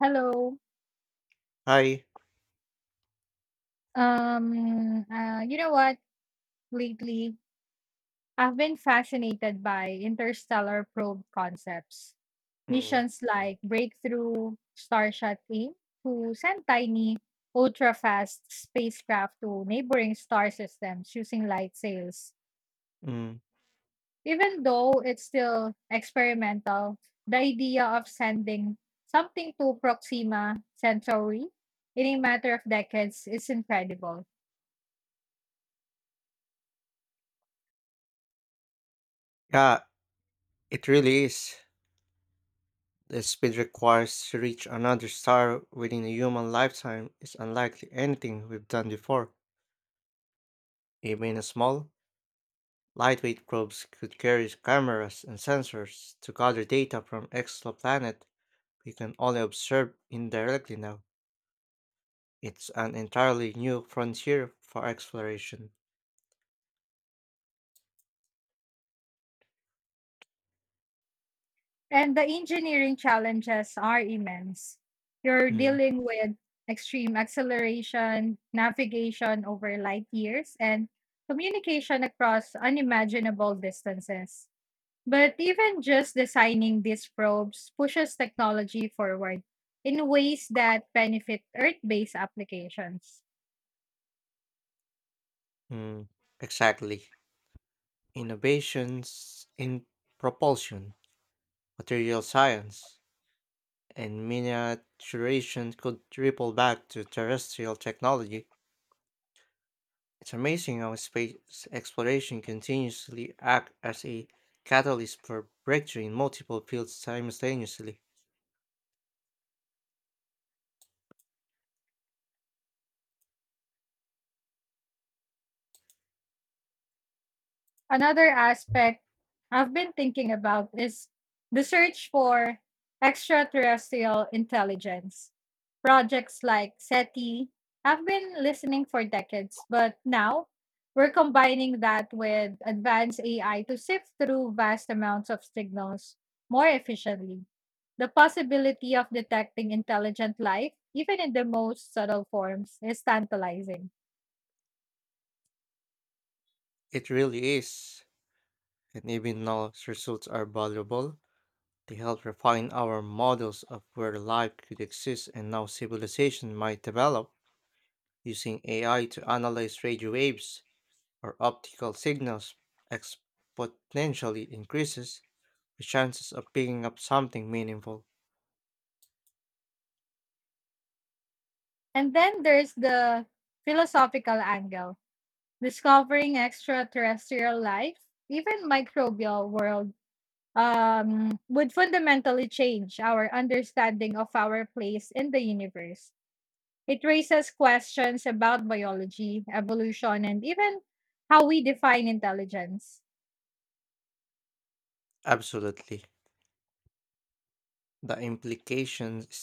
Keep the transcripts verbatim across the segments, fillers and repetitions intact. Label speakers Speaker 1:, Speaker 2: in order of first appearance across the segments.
Speaker 1: Hello.
Speaker 2: Hi.
Speaker 1: Um, uh, you know what? Lately, I've been fascinated by interstellar probe concepts.
Speaker 2: Mm.
Speaker 1: Missions like Breakthrough, Starshot A I M to send tiny, ultra fast spacecraft to neighboring star systems using light sails.
Speaker 2: Mm,
Speaker 1: Even though it's still experimental, the idea of sending something to Proxima Centauri in a matter of decades is incredible.
Speaker 2: yeah, it really is. The speed required to reach another star within a human lifetime is unlikely anything we've done before. Even a small, lightweight probes could carry cameras and sensors to gather data from exoplanet we can only observe indirectly now. It's an entirely new frontier for exploration.
Speaker 1: And the engineering challenges are immense. You're
Speaker 2: Mm,
Speaker 1: dealing with extreme acceleration, navigation over light years, and communication across unimaginable distances. But even just designing these probes pushes technology forward in ways that benefit Earth based applications.
Speaker 2: mm, exactly. Innovations in propulsion, material science, and miniaturization could ripple back to terrestrial technology. It's amazing how space exploration continuously acts as a catalyst for breakthrough in multiple fields simultaneously.
Speaker 1: Another aspect I've been thinking about is the search for extraterrestrial intelligence. Projects like SETI have been listening for decades, but now we're combining that with advanced A I to sift through vast amounts of signals more efficiently. The possibility of detecting intelligent life, even in the most subtle forms, is tantalizing.
Speaker 2: It really is, and even though its results are valuable. They help refine our models of where life could exist and how civilization might develop using A I to analyze radio waves or optical signals exponentially increases the chances of picking up something meaningful.
Speaker 1: And then there's the philosophical angle. Discovering extraterrestrial life, even microbial world, um, would fundamentally change our understanding of our place in the universe. It raises questions about biology, evolution, and even how we define intelligence.
Speaker 2: Absolutely. The implications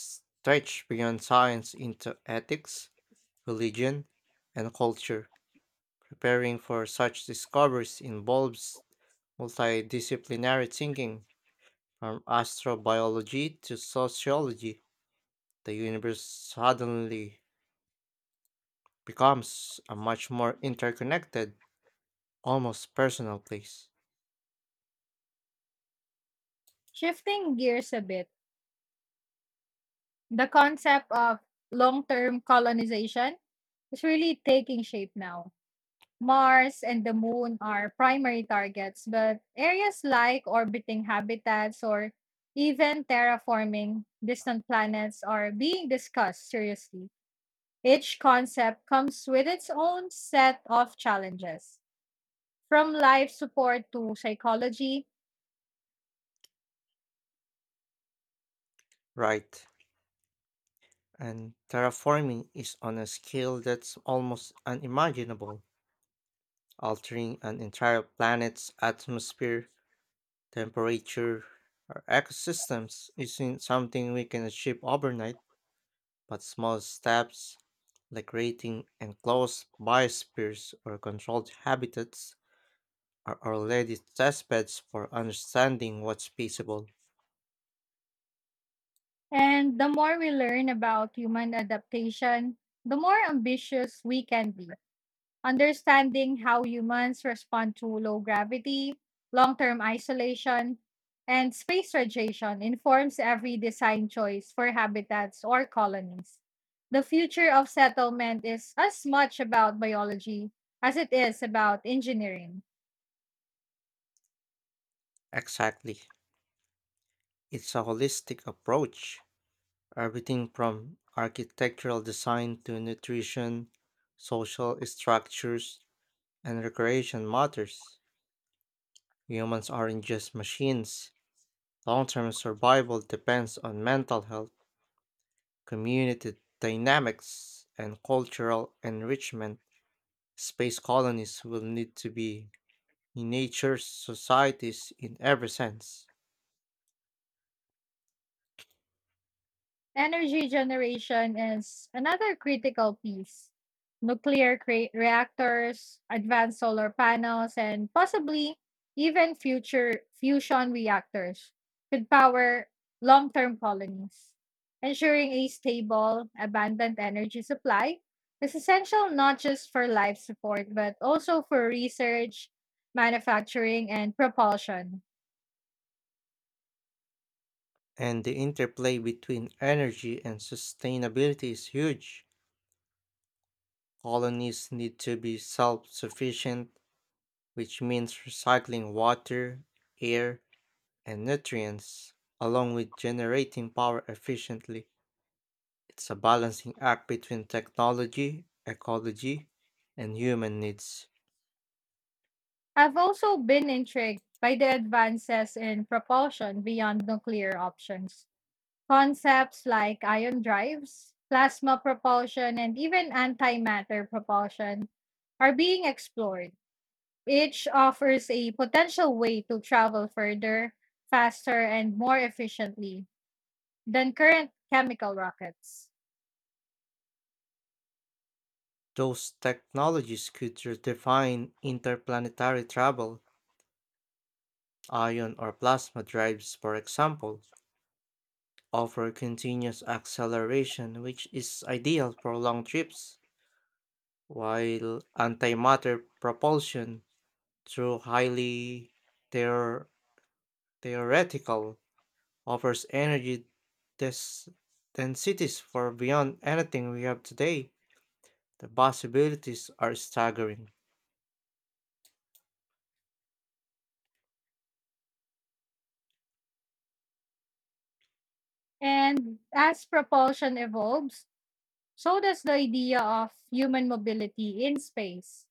Speaker 2: stretch beyond science into ethics, religion, and culture. Preparing for such discoveries involves multidisciplinary thinking, from astrobiology to sociology. The universe suddenly becomes a much more interconnected almost personal place.
Speaker 1: Shifting gears a bit, the concept of long term colonization is really taking shape now. Mars and the Moon are primary targets, but areas like orbiting habitats or even terraforming distant planets are being discussed seriously. Each concept comes with its own set of challenges, from life support to psychology.
Speaker 2: Right? And terraforming is on a scale that's almost unimaginable, altering an entire planet's atmosphere, temperature, or ecosystems isn't something we can achieve overnight, but small steps like creating enclosed biospheres or controlled habitats are already testbeds for understanding what's feasible.
Speaker 1: And the more we learn about human adaptation, the more ambitious we can be. Understanding how humans respond to low gravity, long term isolation, and space radiation informs every design choice for habitats or colonies. The future of settlement is as much about biology as it is about engineering.
Speaker 2: Exactly. It's a holistic approach. Everything from architectural design to nutrition, social structures, and recreation matters. Humans aren't just machines. Long term survival depends on mental health, community dynamics, and cultural enrichment. Space colonies will need to be nature's societies in every sense.
Speaker 1: Energy generation is another critical piece. Nuclear cre- reactors, advanced solar panels, and possibly even future fusion reactors could power long term colonies. Ensuring a stable, abundant energy supply is essential not just for life support, but also for research, manufacturing, and propulsion.
Speaker 2: And the interplay between energy and sustainability is huge. Colonies need to be self sufficient, which means recycling water, air, and nutrients, along with generating power efficiently. It's a balancing act between technology, ecology, and human needs.
Speaker 1: I've also been intrigued by the advances in propulsion beyond nuclear options. Concepts like ion drives, plasma propulsion, and even antimatter propulsion are being explored. Each offers a potential way to travel further, faster, and more efficiently than current chemical rockets.
Speaker 2: Those technologies could redefine interplanetary travel. Ion or plasma drives, for example, offer continuous acceleration, which is ideal for long trips, while antimatter propulsion, though highly theor- theoretical, offers energy des- densities far beyond anything we have today. The possibilities are staggering.
Speaker 1: And as propulsion evolves, so does the idea of human mobility in space.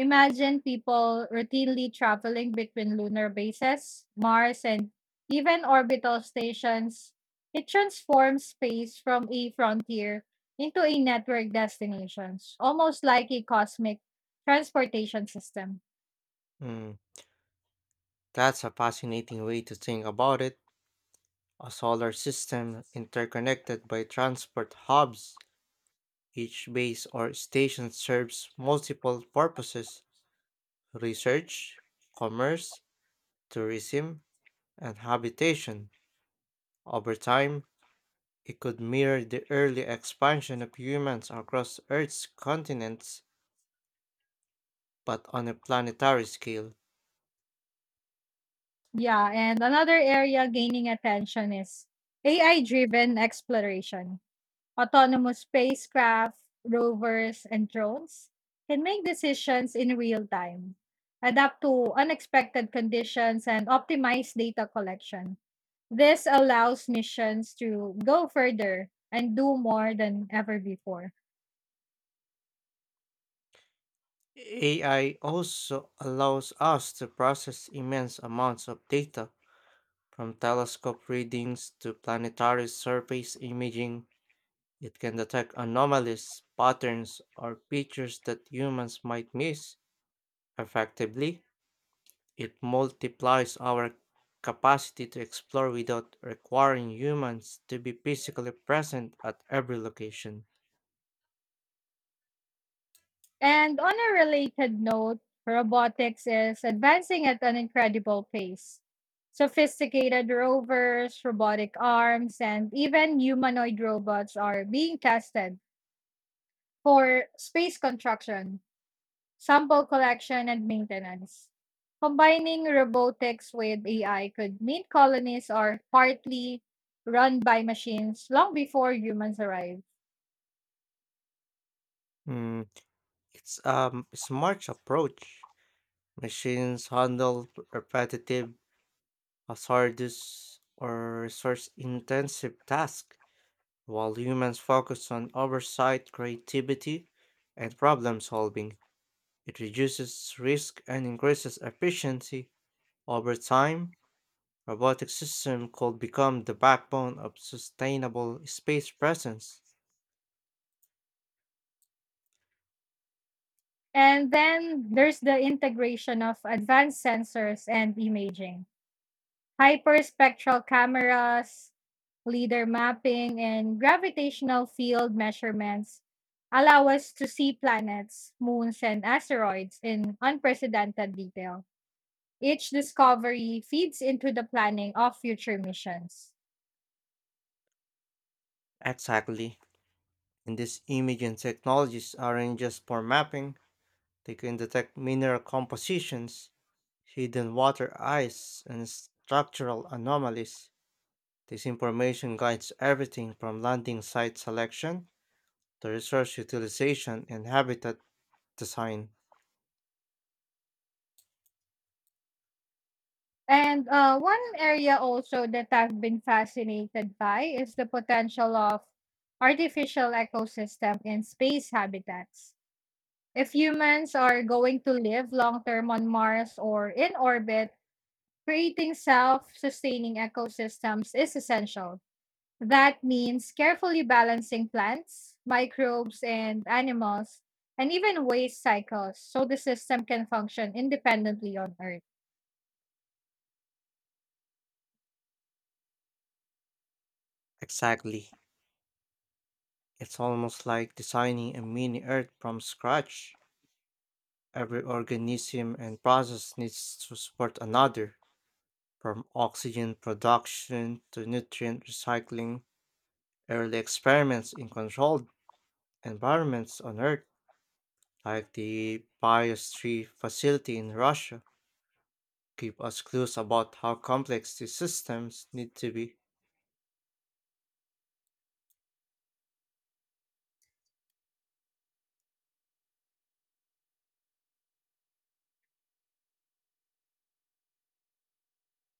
Speaker 1: Imagine people routinely traveling between lunar bases, Mars, and even orbital stations. It transforms space from a frontier into a network destination, almost like a cosmic transportation system.
Speaker 2: Mm, that's a fascinating way to think about it. A solar system interconnected by transport hubs. Each base or station serves multiple purposes: research, commerce, tourism, and habitation. Over time, it could mirror the early expansion of humans across Earth's continents, but on a planetary scale.
Speaker 1: Yeah, and another area gaining attention is A I driven exploration. Autonomous spacecraft, rovers, and drones can make decisions in real time, adapt to unexpected conditions, and optimize data collection. This allows missions to go further and do more than ever before.
Speaker 2: A I also allows us to process immense amounts of data, from telescope readings to planetary surface imaging. It can detect anomalies, patterns, or features that humans might miss effectively. It multiplies our capacity to explore without requiring humans to be physically present at every location.
Speaker 1: And on a related note, robotics is advancing at an incredible pace. Sophisticated rovers, robotic arms, and even humanoid robots are being tested for space construction, sample collection and maintenance. Combining robotics with A I could mean colonies are partly run by machines long before humans arrive.
Speaker 2: Mm, it's a smart approach. Machines handle repetitive, hazardous, or resource intensive tasks, while humans focus on oversight, creativity, and problem solving. It reduces risk and increases efficiency over time. Robotic system could become the backbone of sustainable space presence.
Speaker 1: And then there's the integration of advanced sensors and imaging, hyperspectral cameras, leader mapping, and gravitational field measurements allow us to see planets, moons, and asteroids in unprecedented detail. Each discovery feeds into the planning of future missions.
Speaker 2: Exactly. And these imaging technologies aren't just for mapping, they can detect mineral compositions, hidden water ice, and structural anomalies. This information guides everything from landing site selection to resource utilization and habitat design.
Speaker 1: And uh, One area also that I've been fascinated by is the potential of artificial ecosystem in space habitats. If humans are going to live long term on Mars or in orbit, creating self sustaining ecosystems is essential. That means carefully balancing plants, microbes, and animals, and even waste cycles so the system can function independently on Earth.
Speaker 2: Exactly. It's almost like designing a mini Earth from scratch. Every organism and process needs to support another, from oxygen production to nutrient recycling. Early experiments in controlled environments on Earth, like the Biosphere facility in Russia, give us clues about how complex these systems need to be.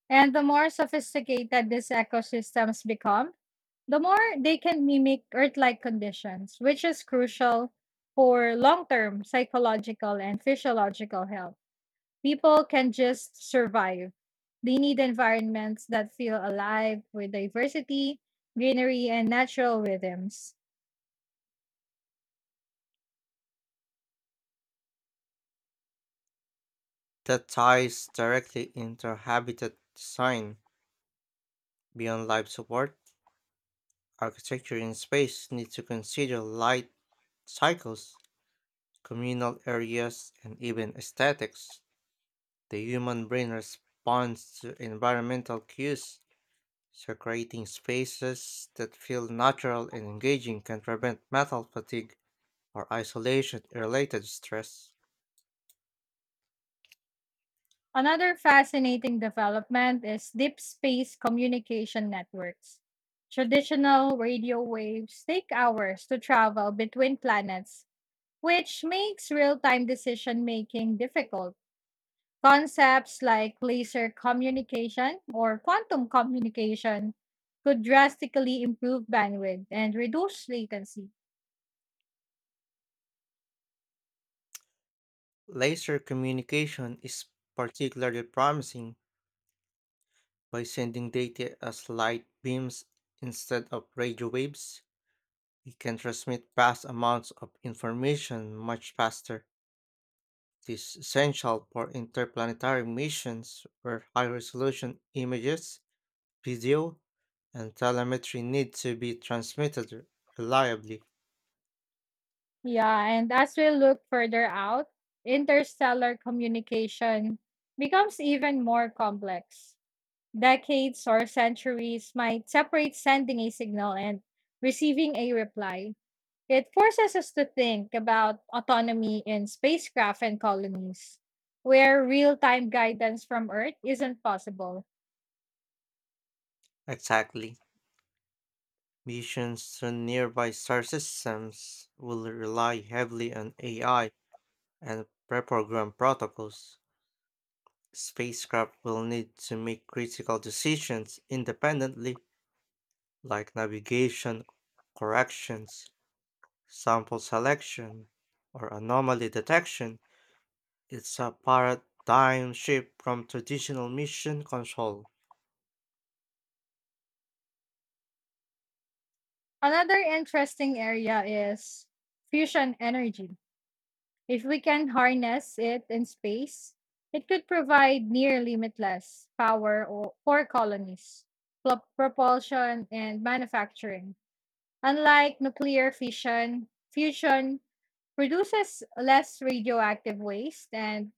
Speaker 1: And the more sophisticated these ecosystems become, the more they can mimic Earth like conditions, which is crucial for long term psychological and physiological health. People can just survive. They need environments that feel alive with diversity, greenery, and natural rhythms.
Speaker 2: That ties directly into habitat design beyond life support. Architecture in space needs to consider light cycles, communal areas, and even aesthetics. The human brain responds to environmental cues, so creating spaces that feel natural and engaging can prevent mental fatigue or isolation related stress.
Speaker 1: Another fascinating development is deep space communication networks. Traditional radio waves take hours to travel between planets, which makes real time decision making difficult. Concepts like laser communication or quantum communication could drastically improve bandwidth and reduce latency.
Speaker 2: Laser communication is particularly promising. By sending data as light beams instead of radio waves, it can transmit vast amounts of information much faster. This is essential for interplanetary missions where high resolution images, video, and telemetry need to be transmitted reliably.
Speaker 1: Yeah, and as we look further out, interstellar communication becomes even more complex. Decades or centuries might separate sending a signal and receiving a reply. It forces us to think about autonomy in spacecraft and colonies, where real time guidance from Earth isn't possible.
Speaker 2: Exactly. Missions to nearby star systems will rely heavily on A I and pre-programmed protocols. Spacecraft will need to make critical decisions independently, like navigation corrections, sample selection, or anomaly detection. It's a paradigm shift from traditional mission control.
Speaker 1: Another interesting area is fusion energy. If we can harness it in space, it could provide near limitless power o- for colonies, pl- propulsion, and manufacturing. Unlike nuclear fission, fusion produces less radioactive waste and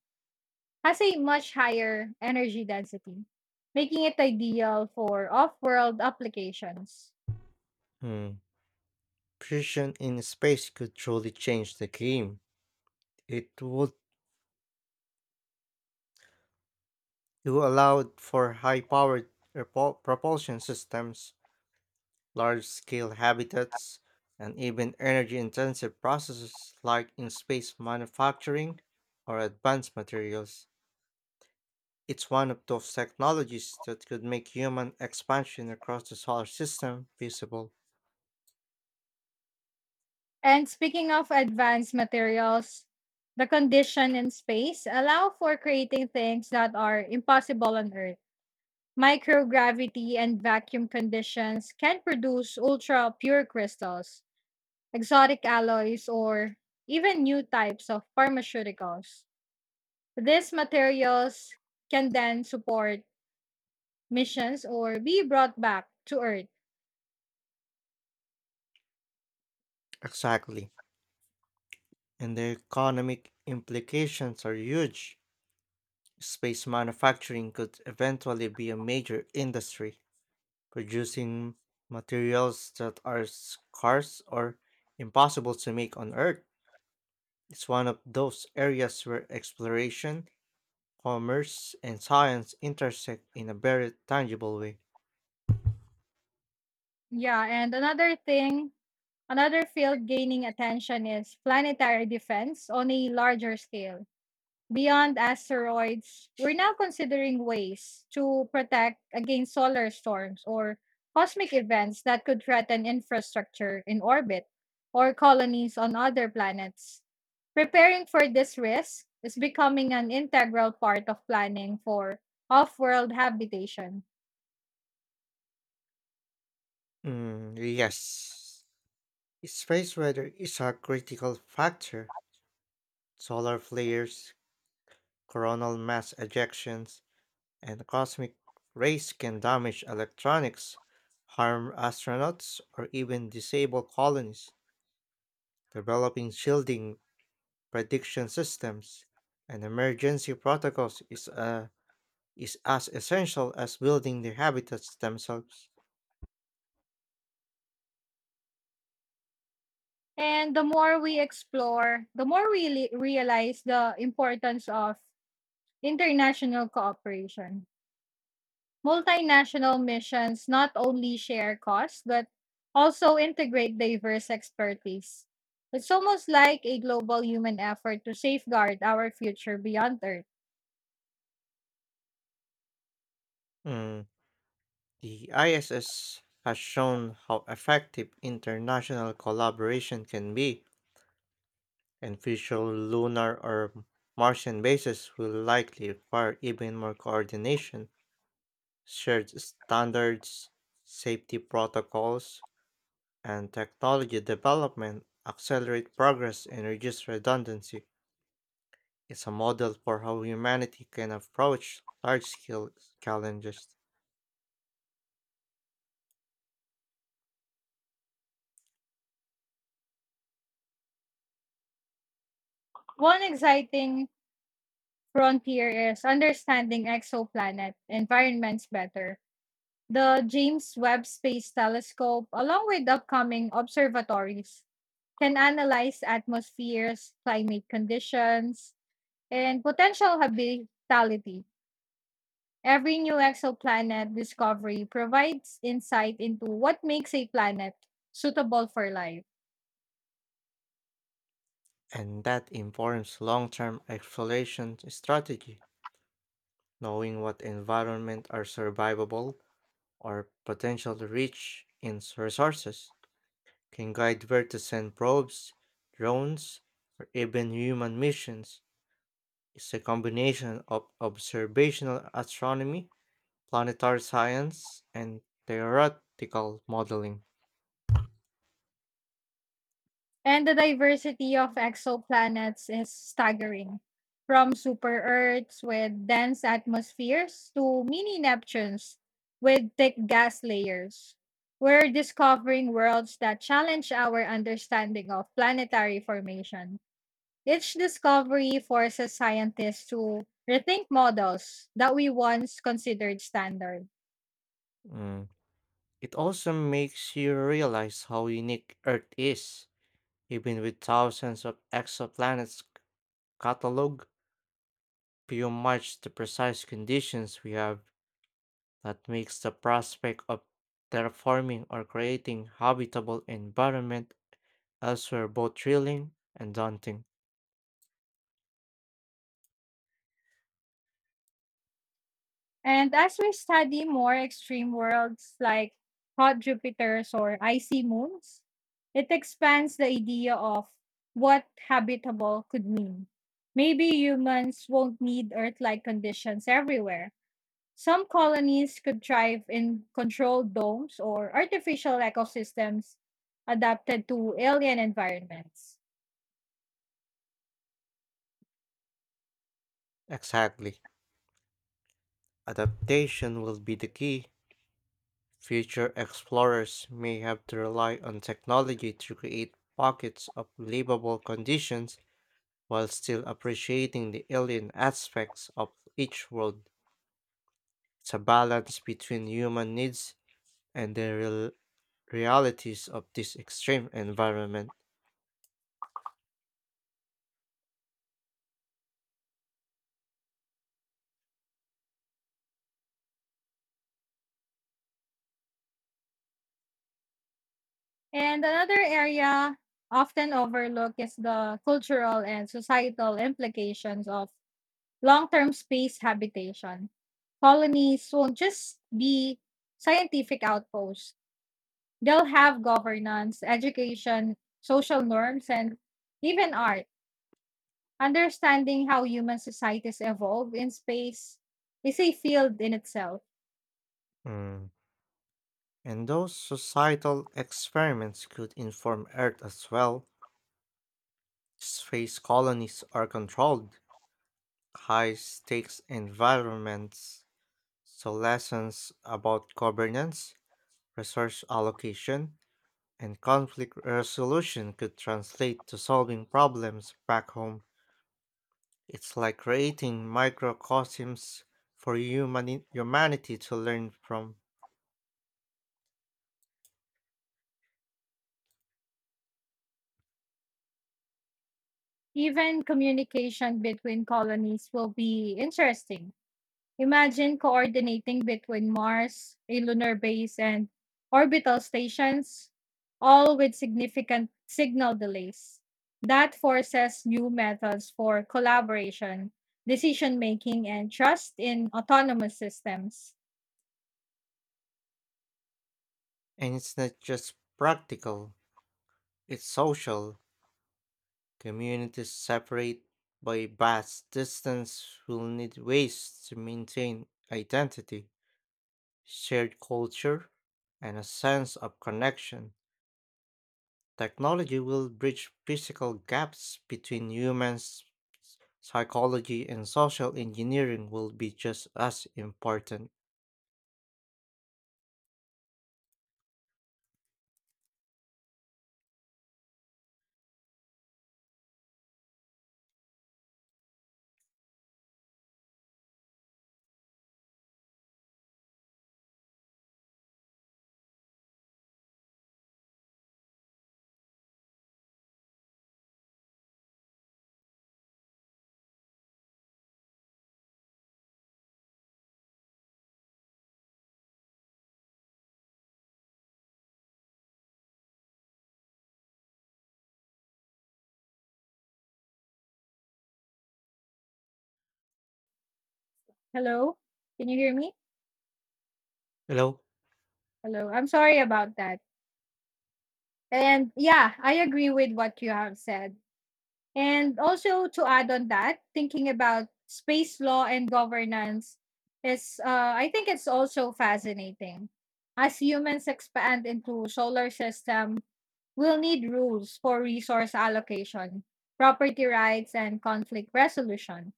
Speaker 1: has a much higher energy density, making it ideal for off world applications.
Speaker 2: Hmm. Precision in space could truly change the game. It would it would allow for high-powered propulsion systems, large-scale habitats, and even energy-intensive processes like in space manufacturing or advanced materials. It's one of those technologies that could make human expansion across the solar system feasible.
Speaker 1: And speaking of advanced materials, the condition in space allow for creating things that are impossible on Earth. Microgravity and vacuum conditions can produce ultra pure crystals, exotic alloys, or even new types of pharmaceuticals. These materials can then support missions or be brought back to Earth.
Speaker 2: Exactly. And the economic implications are huge. Space manufacturing could eventually be a major industry, producing materials that are scarce or impossible to make on Earth. It's one of those areas where exploration, commerce, and science intersect in a very tangible way.
Speaker 1: Yeah, and another thing, another field gaining attention is planetary defense on a larger scale. Beyond asteroids, we're now considering ways to protect against solar storms or cosmic events that could threaten infrastructure in orbit or colonies on other planets. Preparing for this risk is becoming an integral part of planning for off world habitation.
Speaker 2: Mm, yes. Space weather is a critical factor. Solar flares, coronal mass ejections, and cosmic rays can damage electronics, harm astronauts, or even disable colonies. Developing shielding prediction systems and emergency protocols is, uh, is as essential as building the habitats themselves.
Speaker 1: And the more we explore, the more we li- realize the importance of international cooperation. Multinational missions not only share costs, but also integrate diverse expertise. It's almost like a global human effort to safeguard our future beyond Earth.
Speaker 2: Mm, The I S S has shown how effective international collaboration can be, and future lunar or Martian bases will likely require even more coordination, shared standards, safety protocols, and technology development accelerate progress and reduce redundancy. It's a model for how humanity can approach large scale challenges,
Speaker 1: One exciting frontier is understanding exoplanet environments better. The James Webb Space Telescope, along with upcoming observatories, can analyze atmospheres, climate conditions, and potential habitability. Every new exoplanet discovery provides insight into what makes a planet suitable for life.
Speaker 2: and that informs long term exploration strategies. Knowing what environments are survivable or potentially rich in s- resources can guide where to send probes, drones, or even human missions. It's a combination of observational astronomy, planetary science, and theoretical modeling.
Speaker 1: And the diversity of exoplanets is staggering. From super Earths with dense atmospheres to mini Neptunes with thick gas layers. We're discovering worlds that challenge our understanding of planetary formation. Each discovery forces scientists to rethink models that we once considered standard.
Speaker 2: Mm. It also makes you realize how unique Earth is. Even with thousands of exoplanets cataloged, few match the precise conditions we have. That makes the prospect of terraforming or creating habitable environment elsewhere both thrilling and daunting.
Speaker 1: And as we study more extreme worlds like hot Jupiters or icy moons, it expands the idea of what habitable could mean. Maybe humans won't need Earth like conditions everywhere. Some colonies could thrive in controlled domes or artificial ecosystems adapted to alien environments.
Speaker 2: Exactly. Adaptation will be the key. Future explorers may have to rely on technology to create pockets of livable conditions while still appreciating the alien aspects of each world. It's a balance between human needs and the realities of this extreme environment.
Speaker 1: And another area often overlooked is the cultural and societal implications of long term space habitation. Colonies won't just be scientific outposts, they'll have governance, education, social norms, and even art. Understanding how human societies evolve in space is a field in itself.
Speaker 2: Mm. And those societal experiments could inform Earth as well. Space colonies are controlled, high stakes environments, so lessons about governance, resource allocation, and conflict resolution could translate to solving problems back home. It's like creating microcosms for humani- humanity to learn from.
Speaker 1: Even communication between colonies will be interesting. Imagine coordinating between Mars, a lunar base, and orbital stations, all with significant signal delays. That forces new methods for collaboration, decision making, and trust in autonomous systems.
Speaker 2: And it's not just practical, it's social. Communities separate by vast distance will need ways to maintain identity, shared culture, and a sense of connection. Technology will bridge physical gaps between humans. Psychology and social engineering will be just as important.
Speaker 1: Hello? Can you hear me?
Speaker 2: Hello?
Speaker 1: Hello. I'm sorry about that. And yeah, I agree with what you have said. And also to add on that, thinking about space law and governance is, uh, I think it's also fascinating. As humans expand into solar system, we'll need rules for resource allocation, property rights, and conflict resolution.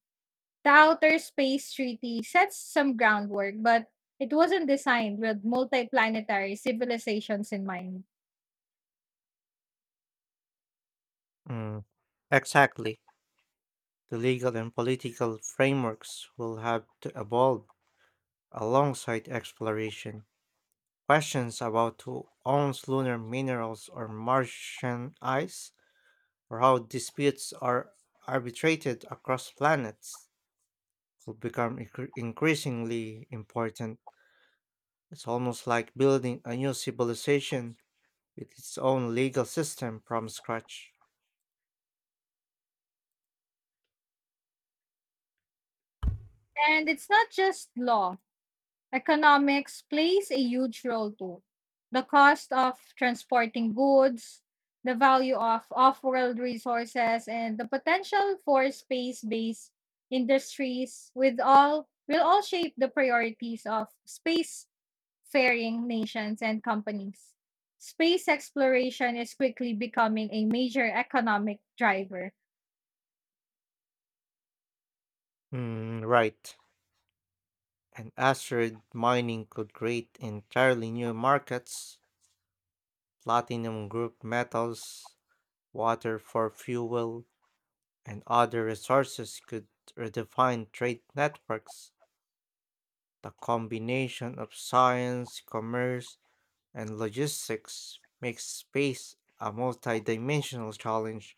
Speaker 1: The Outer Space Treaty sets some groundwork, but it wasn't designed with multiplanetary civilizations in mind.
Speaker 2: Mm, exactly. The legal and political frameworks will have to evolve alongside exploration. Questions about who owns lunar minerals or Martian ice, or how disputes are arbitrated across planets, will become incre- increasingly important. It's almost like building a new civilization with its own legal system from scratch.
Speaker 1: And it's not just law. Economics plays a huge role too. The cost of transporting goods, the value of off world resources, and the potential for space based industries with all will all shape the priorities of space-faring nations and companies. Space exploration is quickly becoming a major economic driver.
Speaker 2: Mm, right. And asteroid mining could create entirely new markets: platinum group metals, water for fuel, and other resources could redefine trade networks. The combination of science, commerce, and logistics makes space a multidimensional challenge,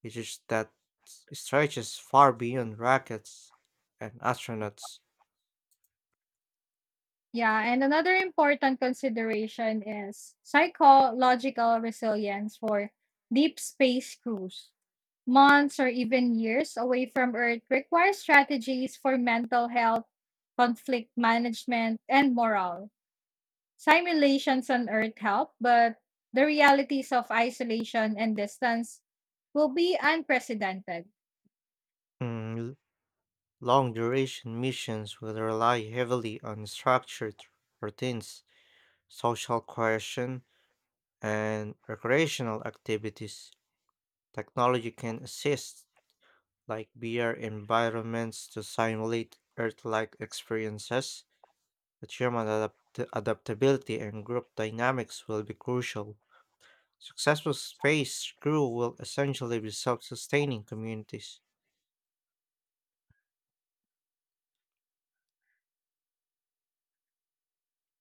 Speaker 2: which is that stretches far beyond rockets and astronauts.
Speaker 1: Yeah, and another important consideration is psychological resilience for deep space crews. Months or even years away from Earth require strategies for mental health, conflict management, and morale. Simulations on Earth help, but the realities of isolation and distance will be unprecedented.
Speaker 2: Mm, Long duration missions will rely heavily on structured routines, social cohesion, and recreational activities. Technology can assist like V R environments to simulate Earth-like experiences, but human adapt- adaptability and group dynamics will be crucial. Successful space crew will essentially be self-sustaining communities.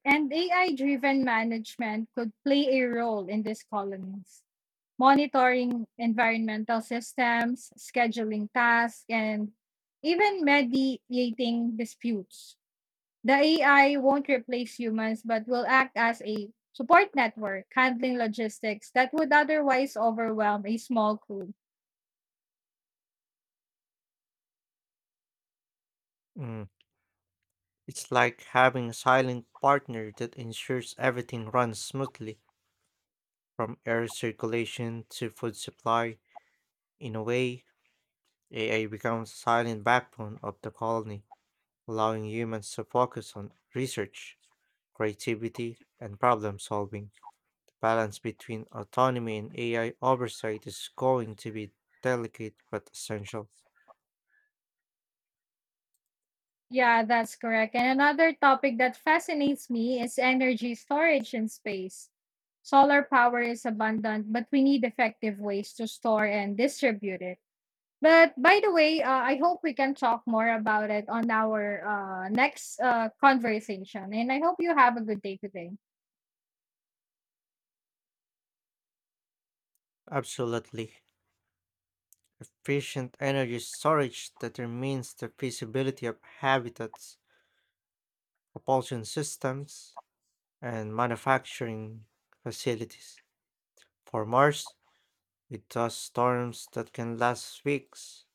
Speaker 1: And A I driven management could play a role in these colonies, monitoring environmental systems, scheduling tasks, and even mediating disputes. The A I won't replace humans, but will act as a support network, handling logistics that would otherwise overwhelm a small crew.
Speaker 2: Mm, It's like having a silent partner that ensures everything runs smoothly, from air circulation to food supply. In a way, A I becomes the silent backbone of the colony, allowing humans to focus on research, creativity, and problem solving. The balance between autonomy and A I oversight is going to be delicate but essential.
Speaker 1: Yeah, that's correct. And another topic that fascinates me is energy storage in space. Solar power is abundant, but we need effective ways to store and distribute it. But by the way, uh, I hope we can talk more about it on our uh, next uh, conversation. And I hope you have a good day today.
Speaker 2: Absolutely. Efficient energy storage determines the feasibility of habitats, propulsion systems, and manufacturing facilities. For Mars, it does storms that can last weeks,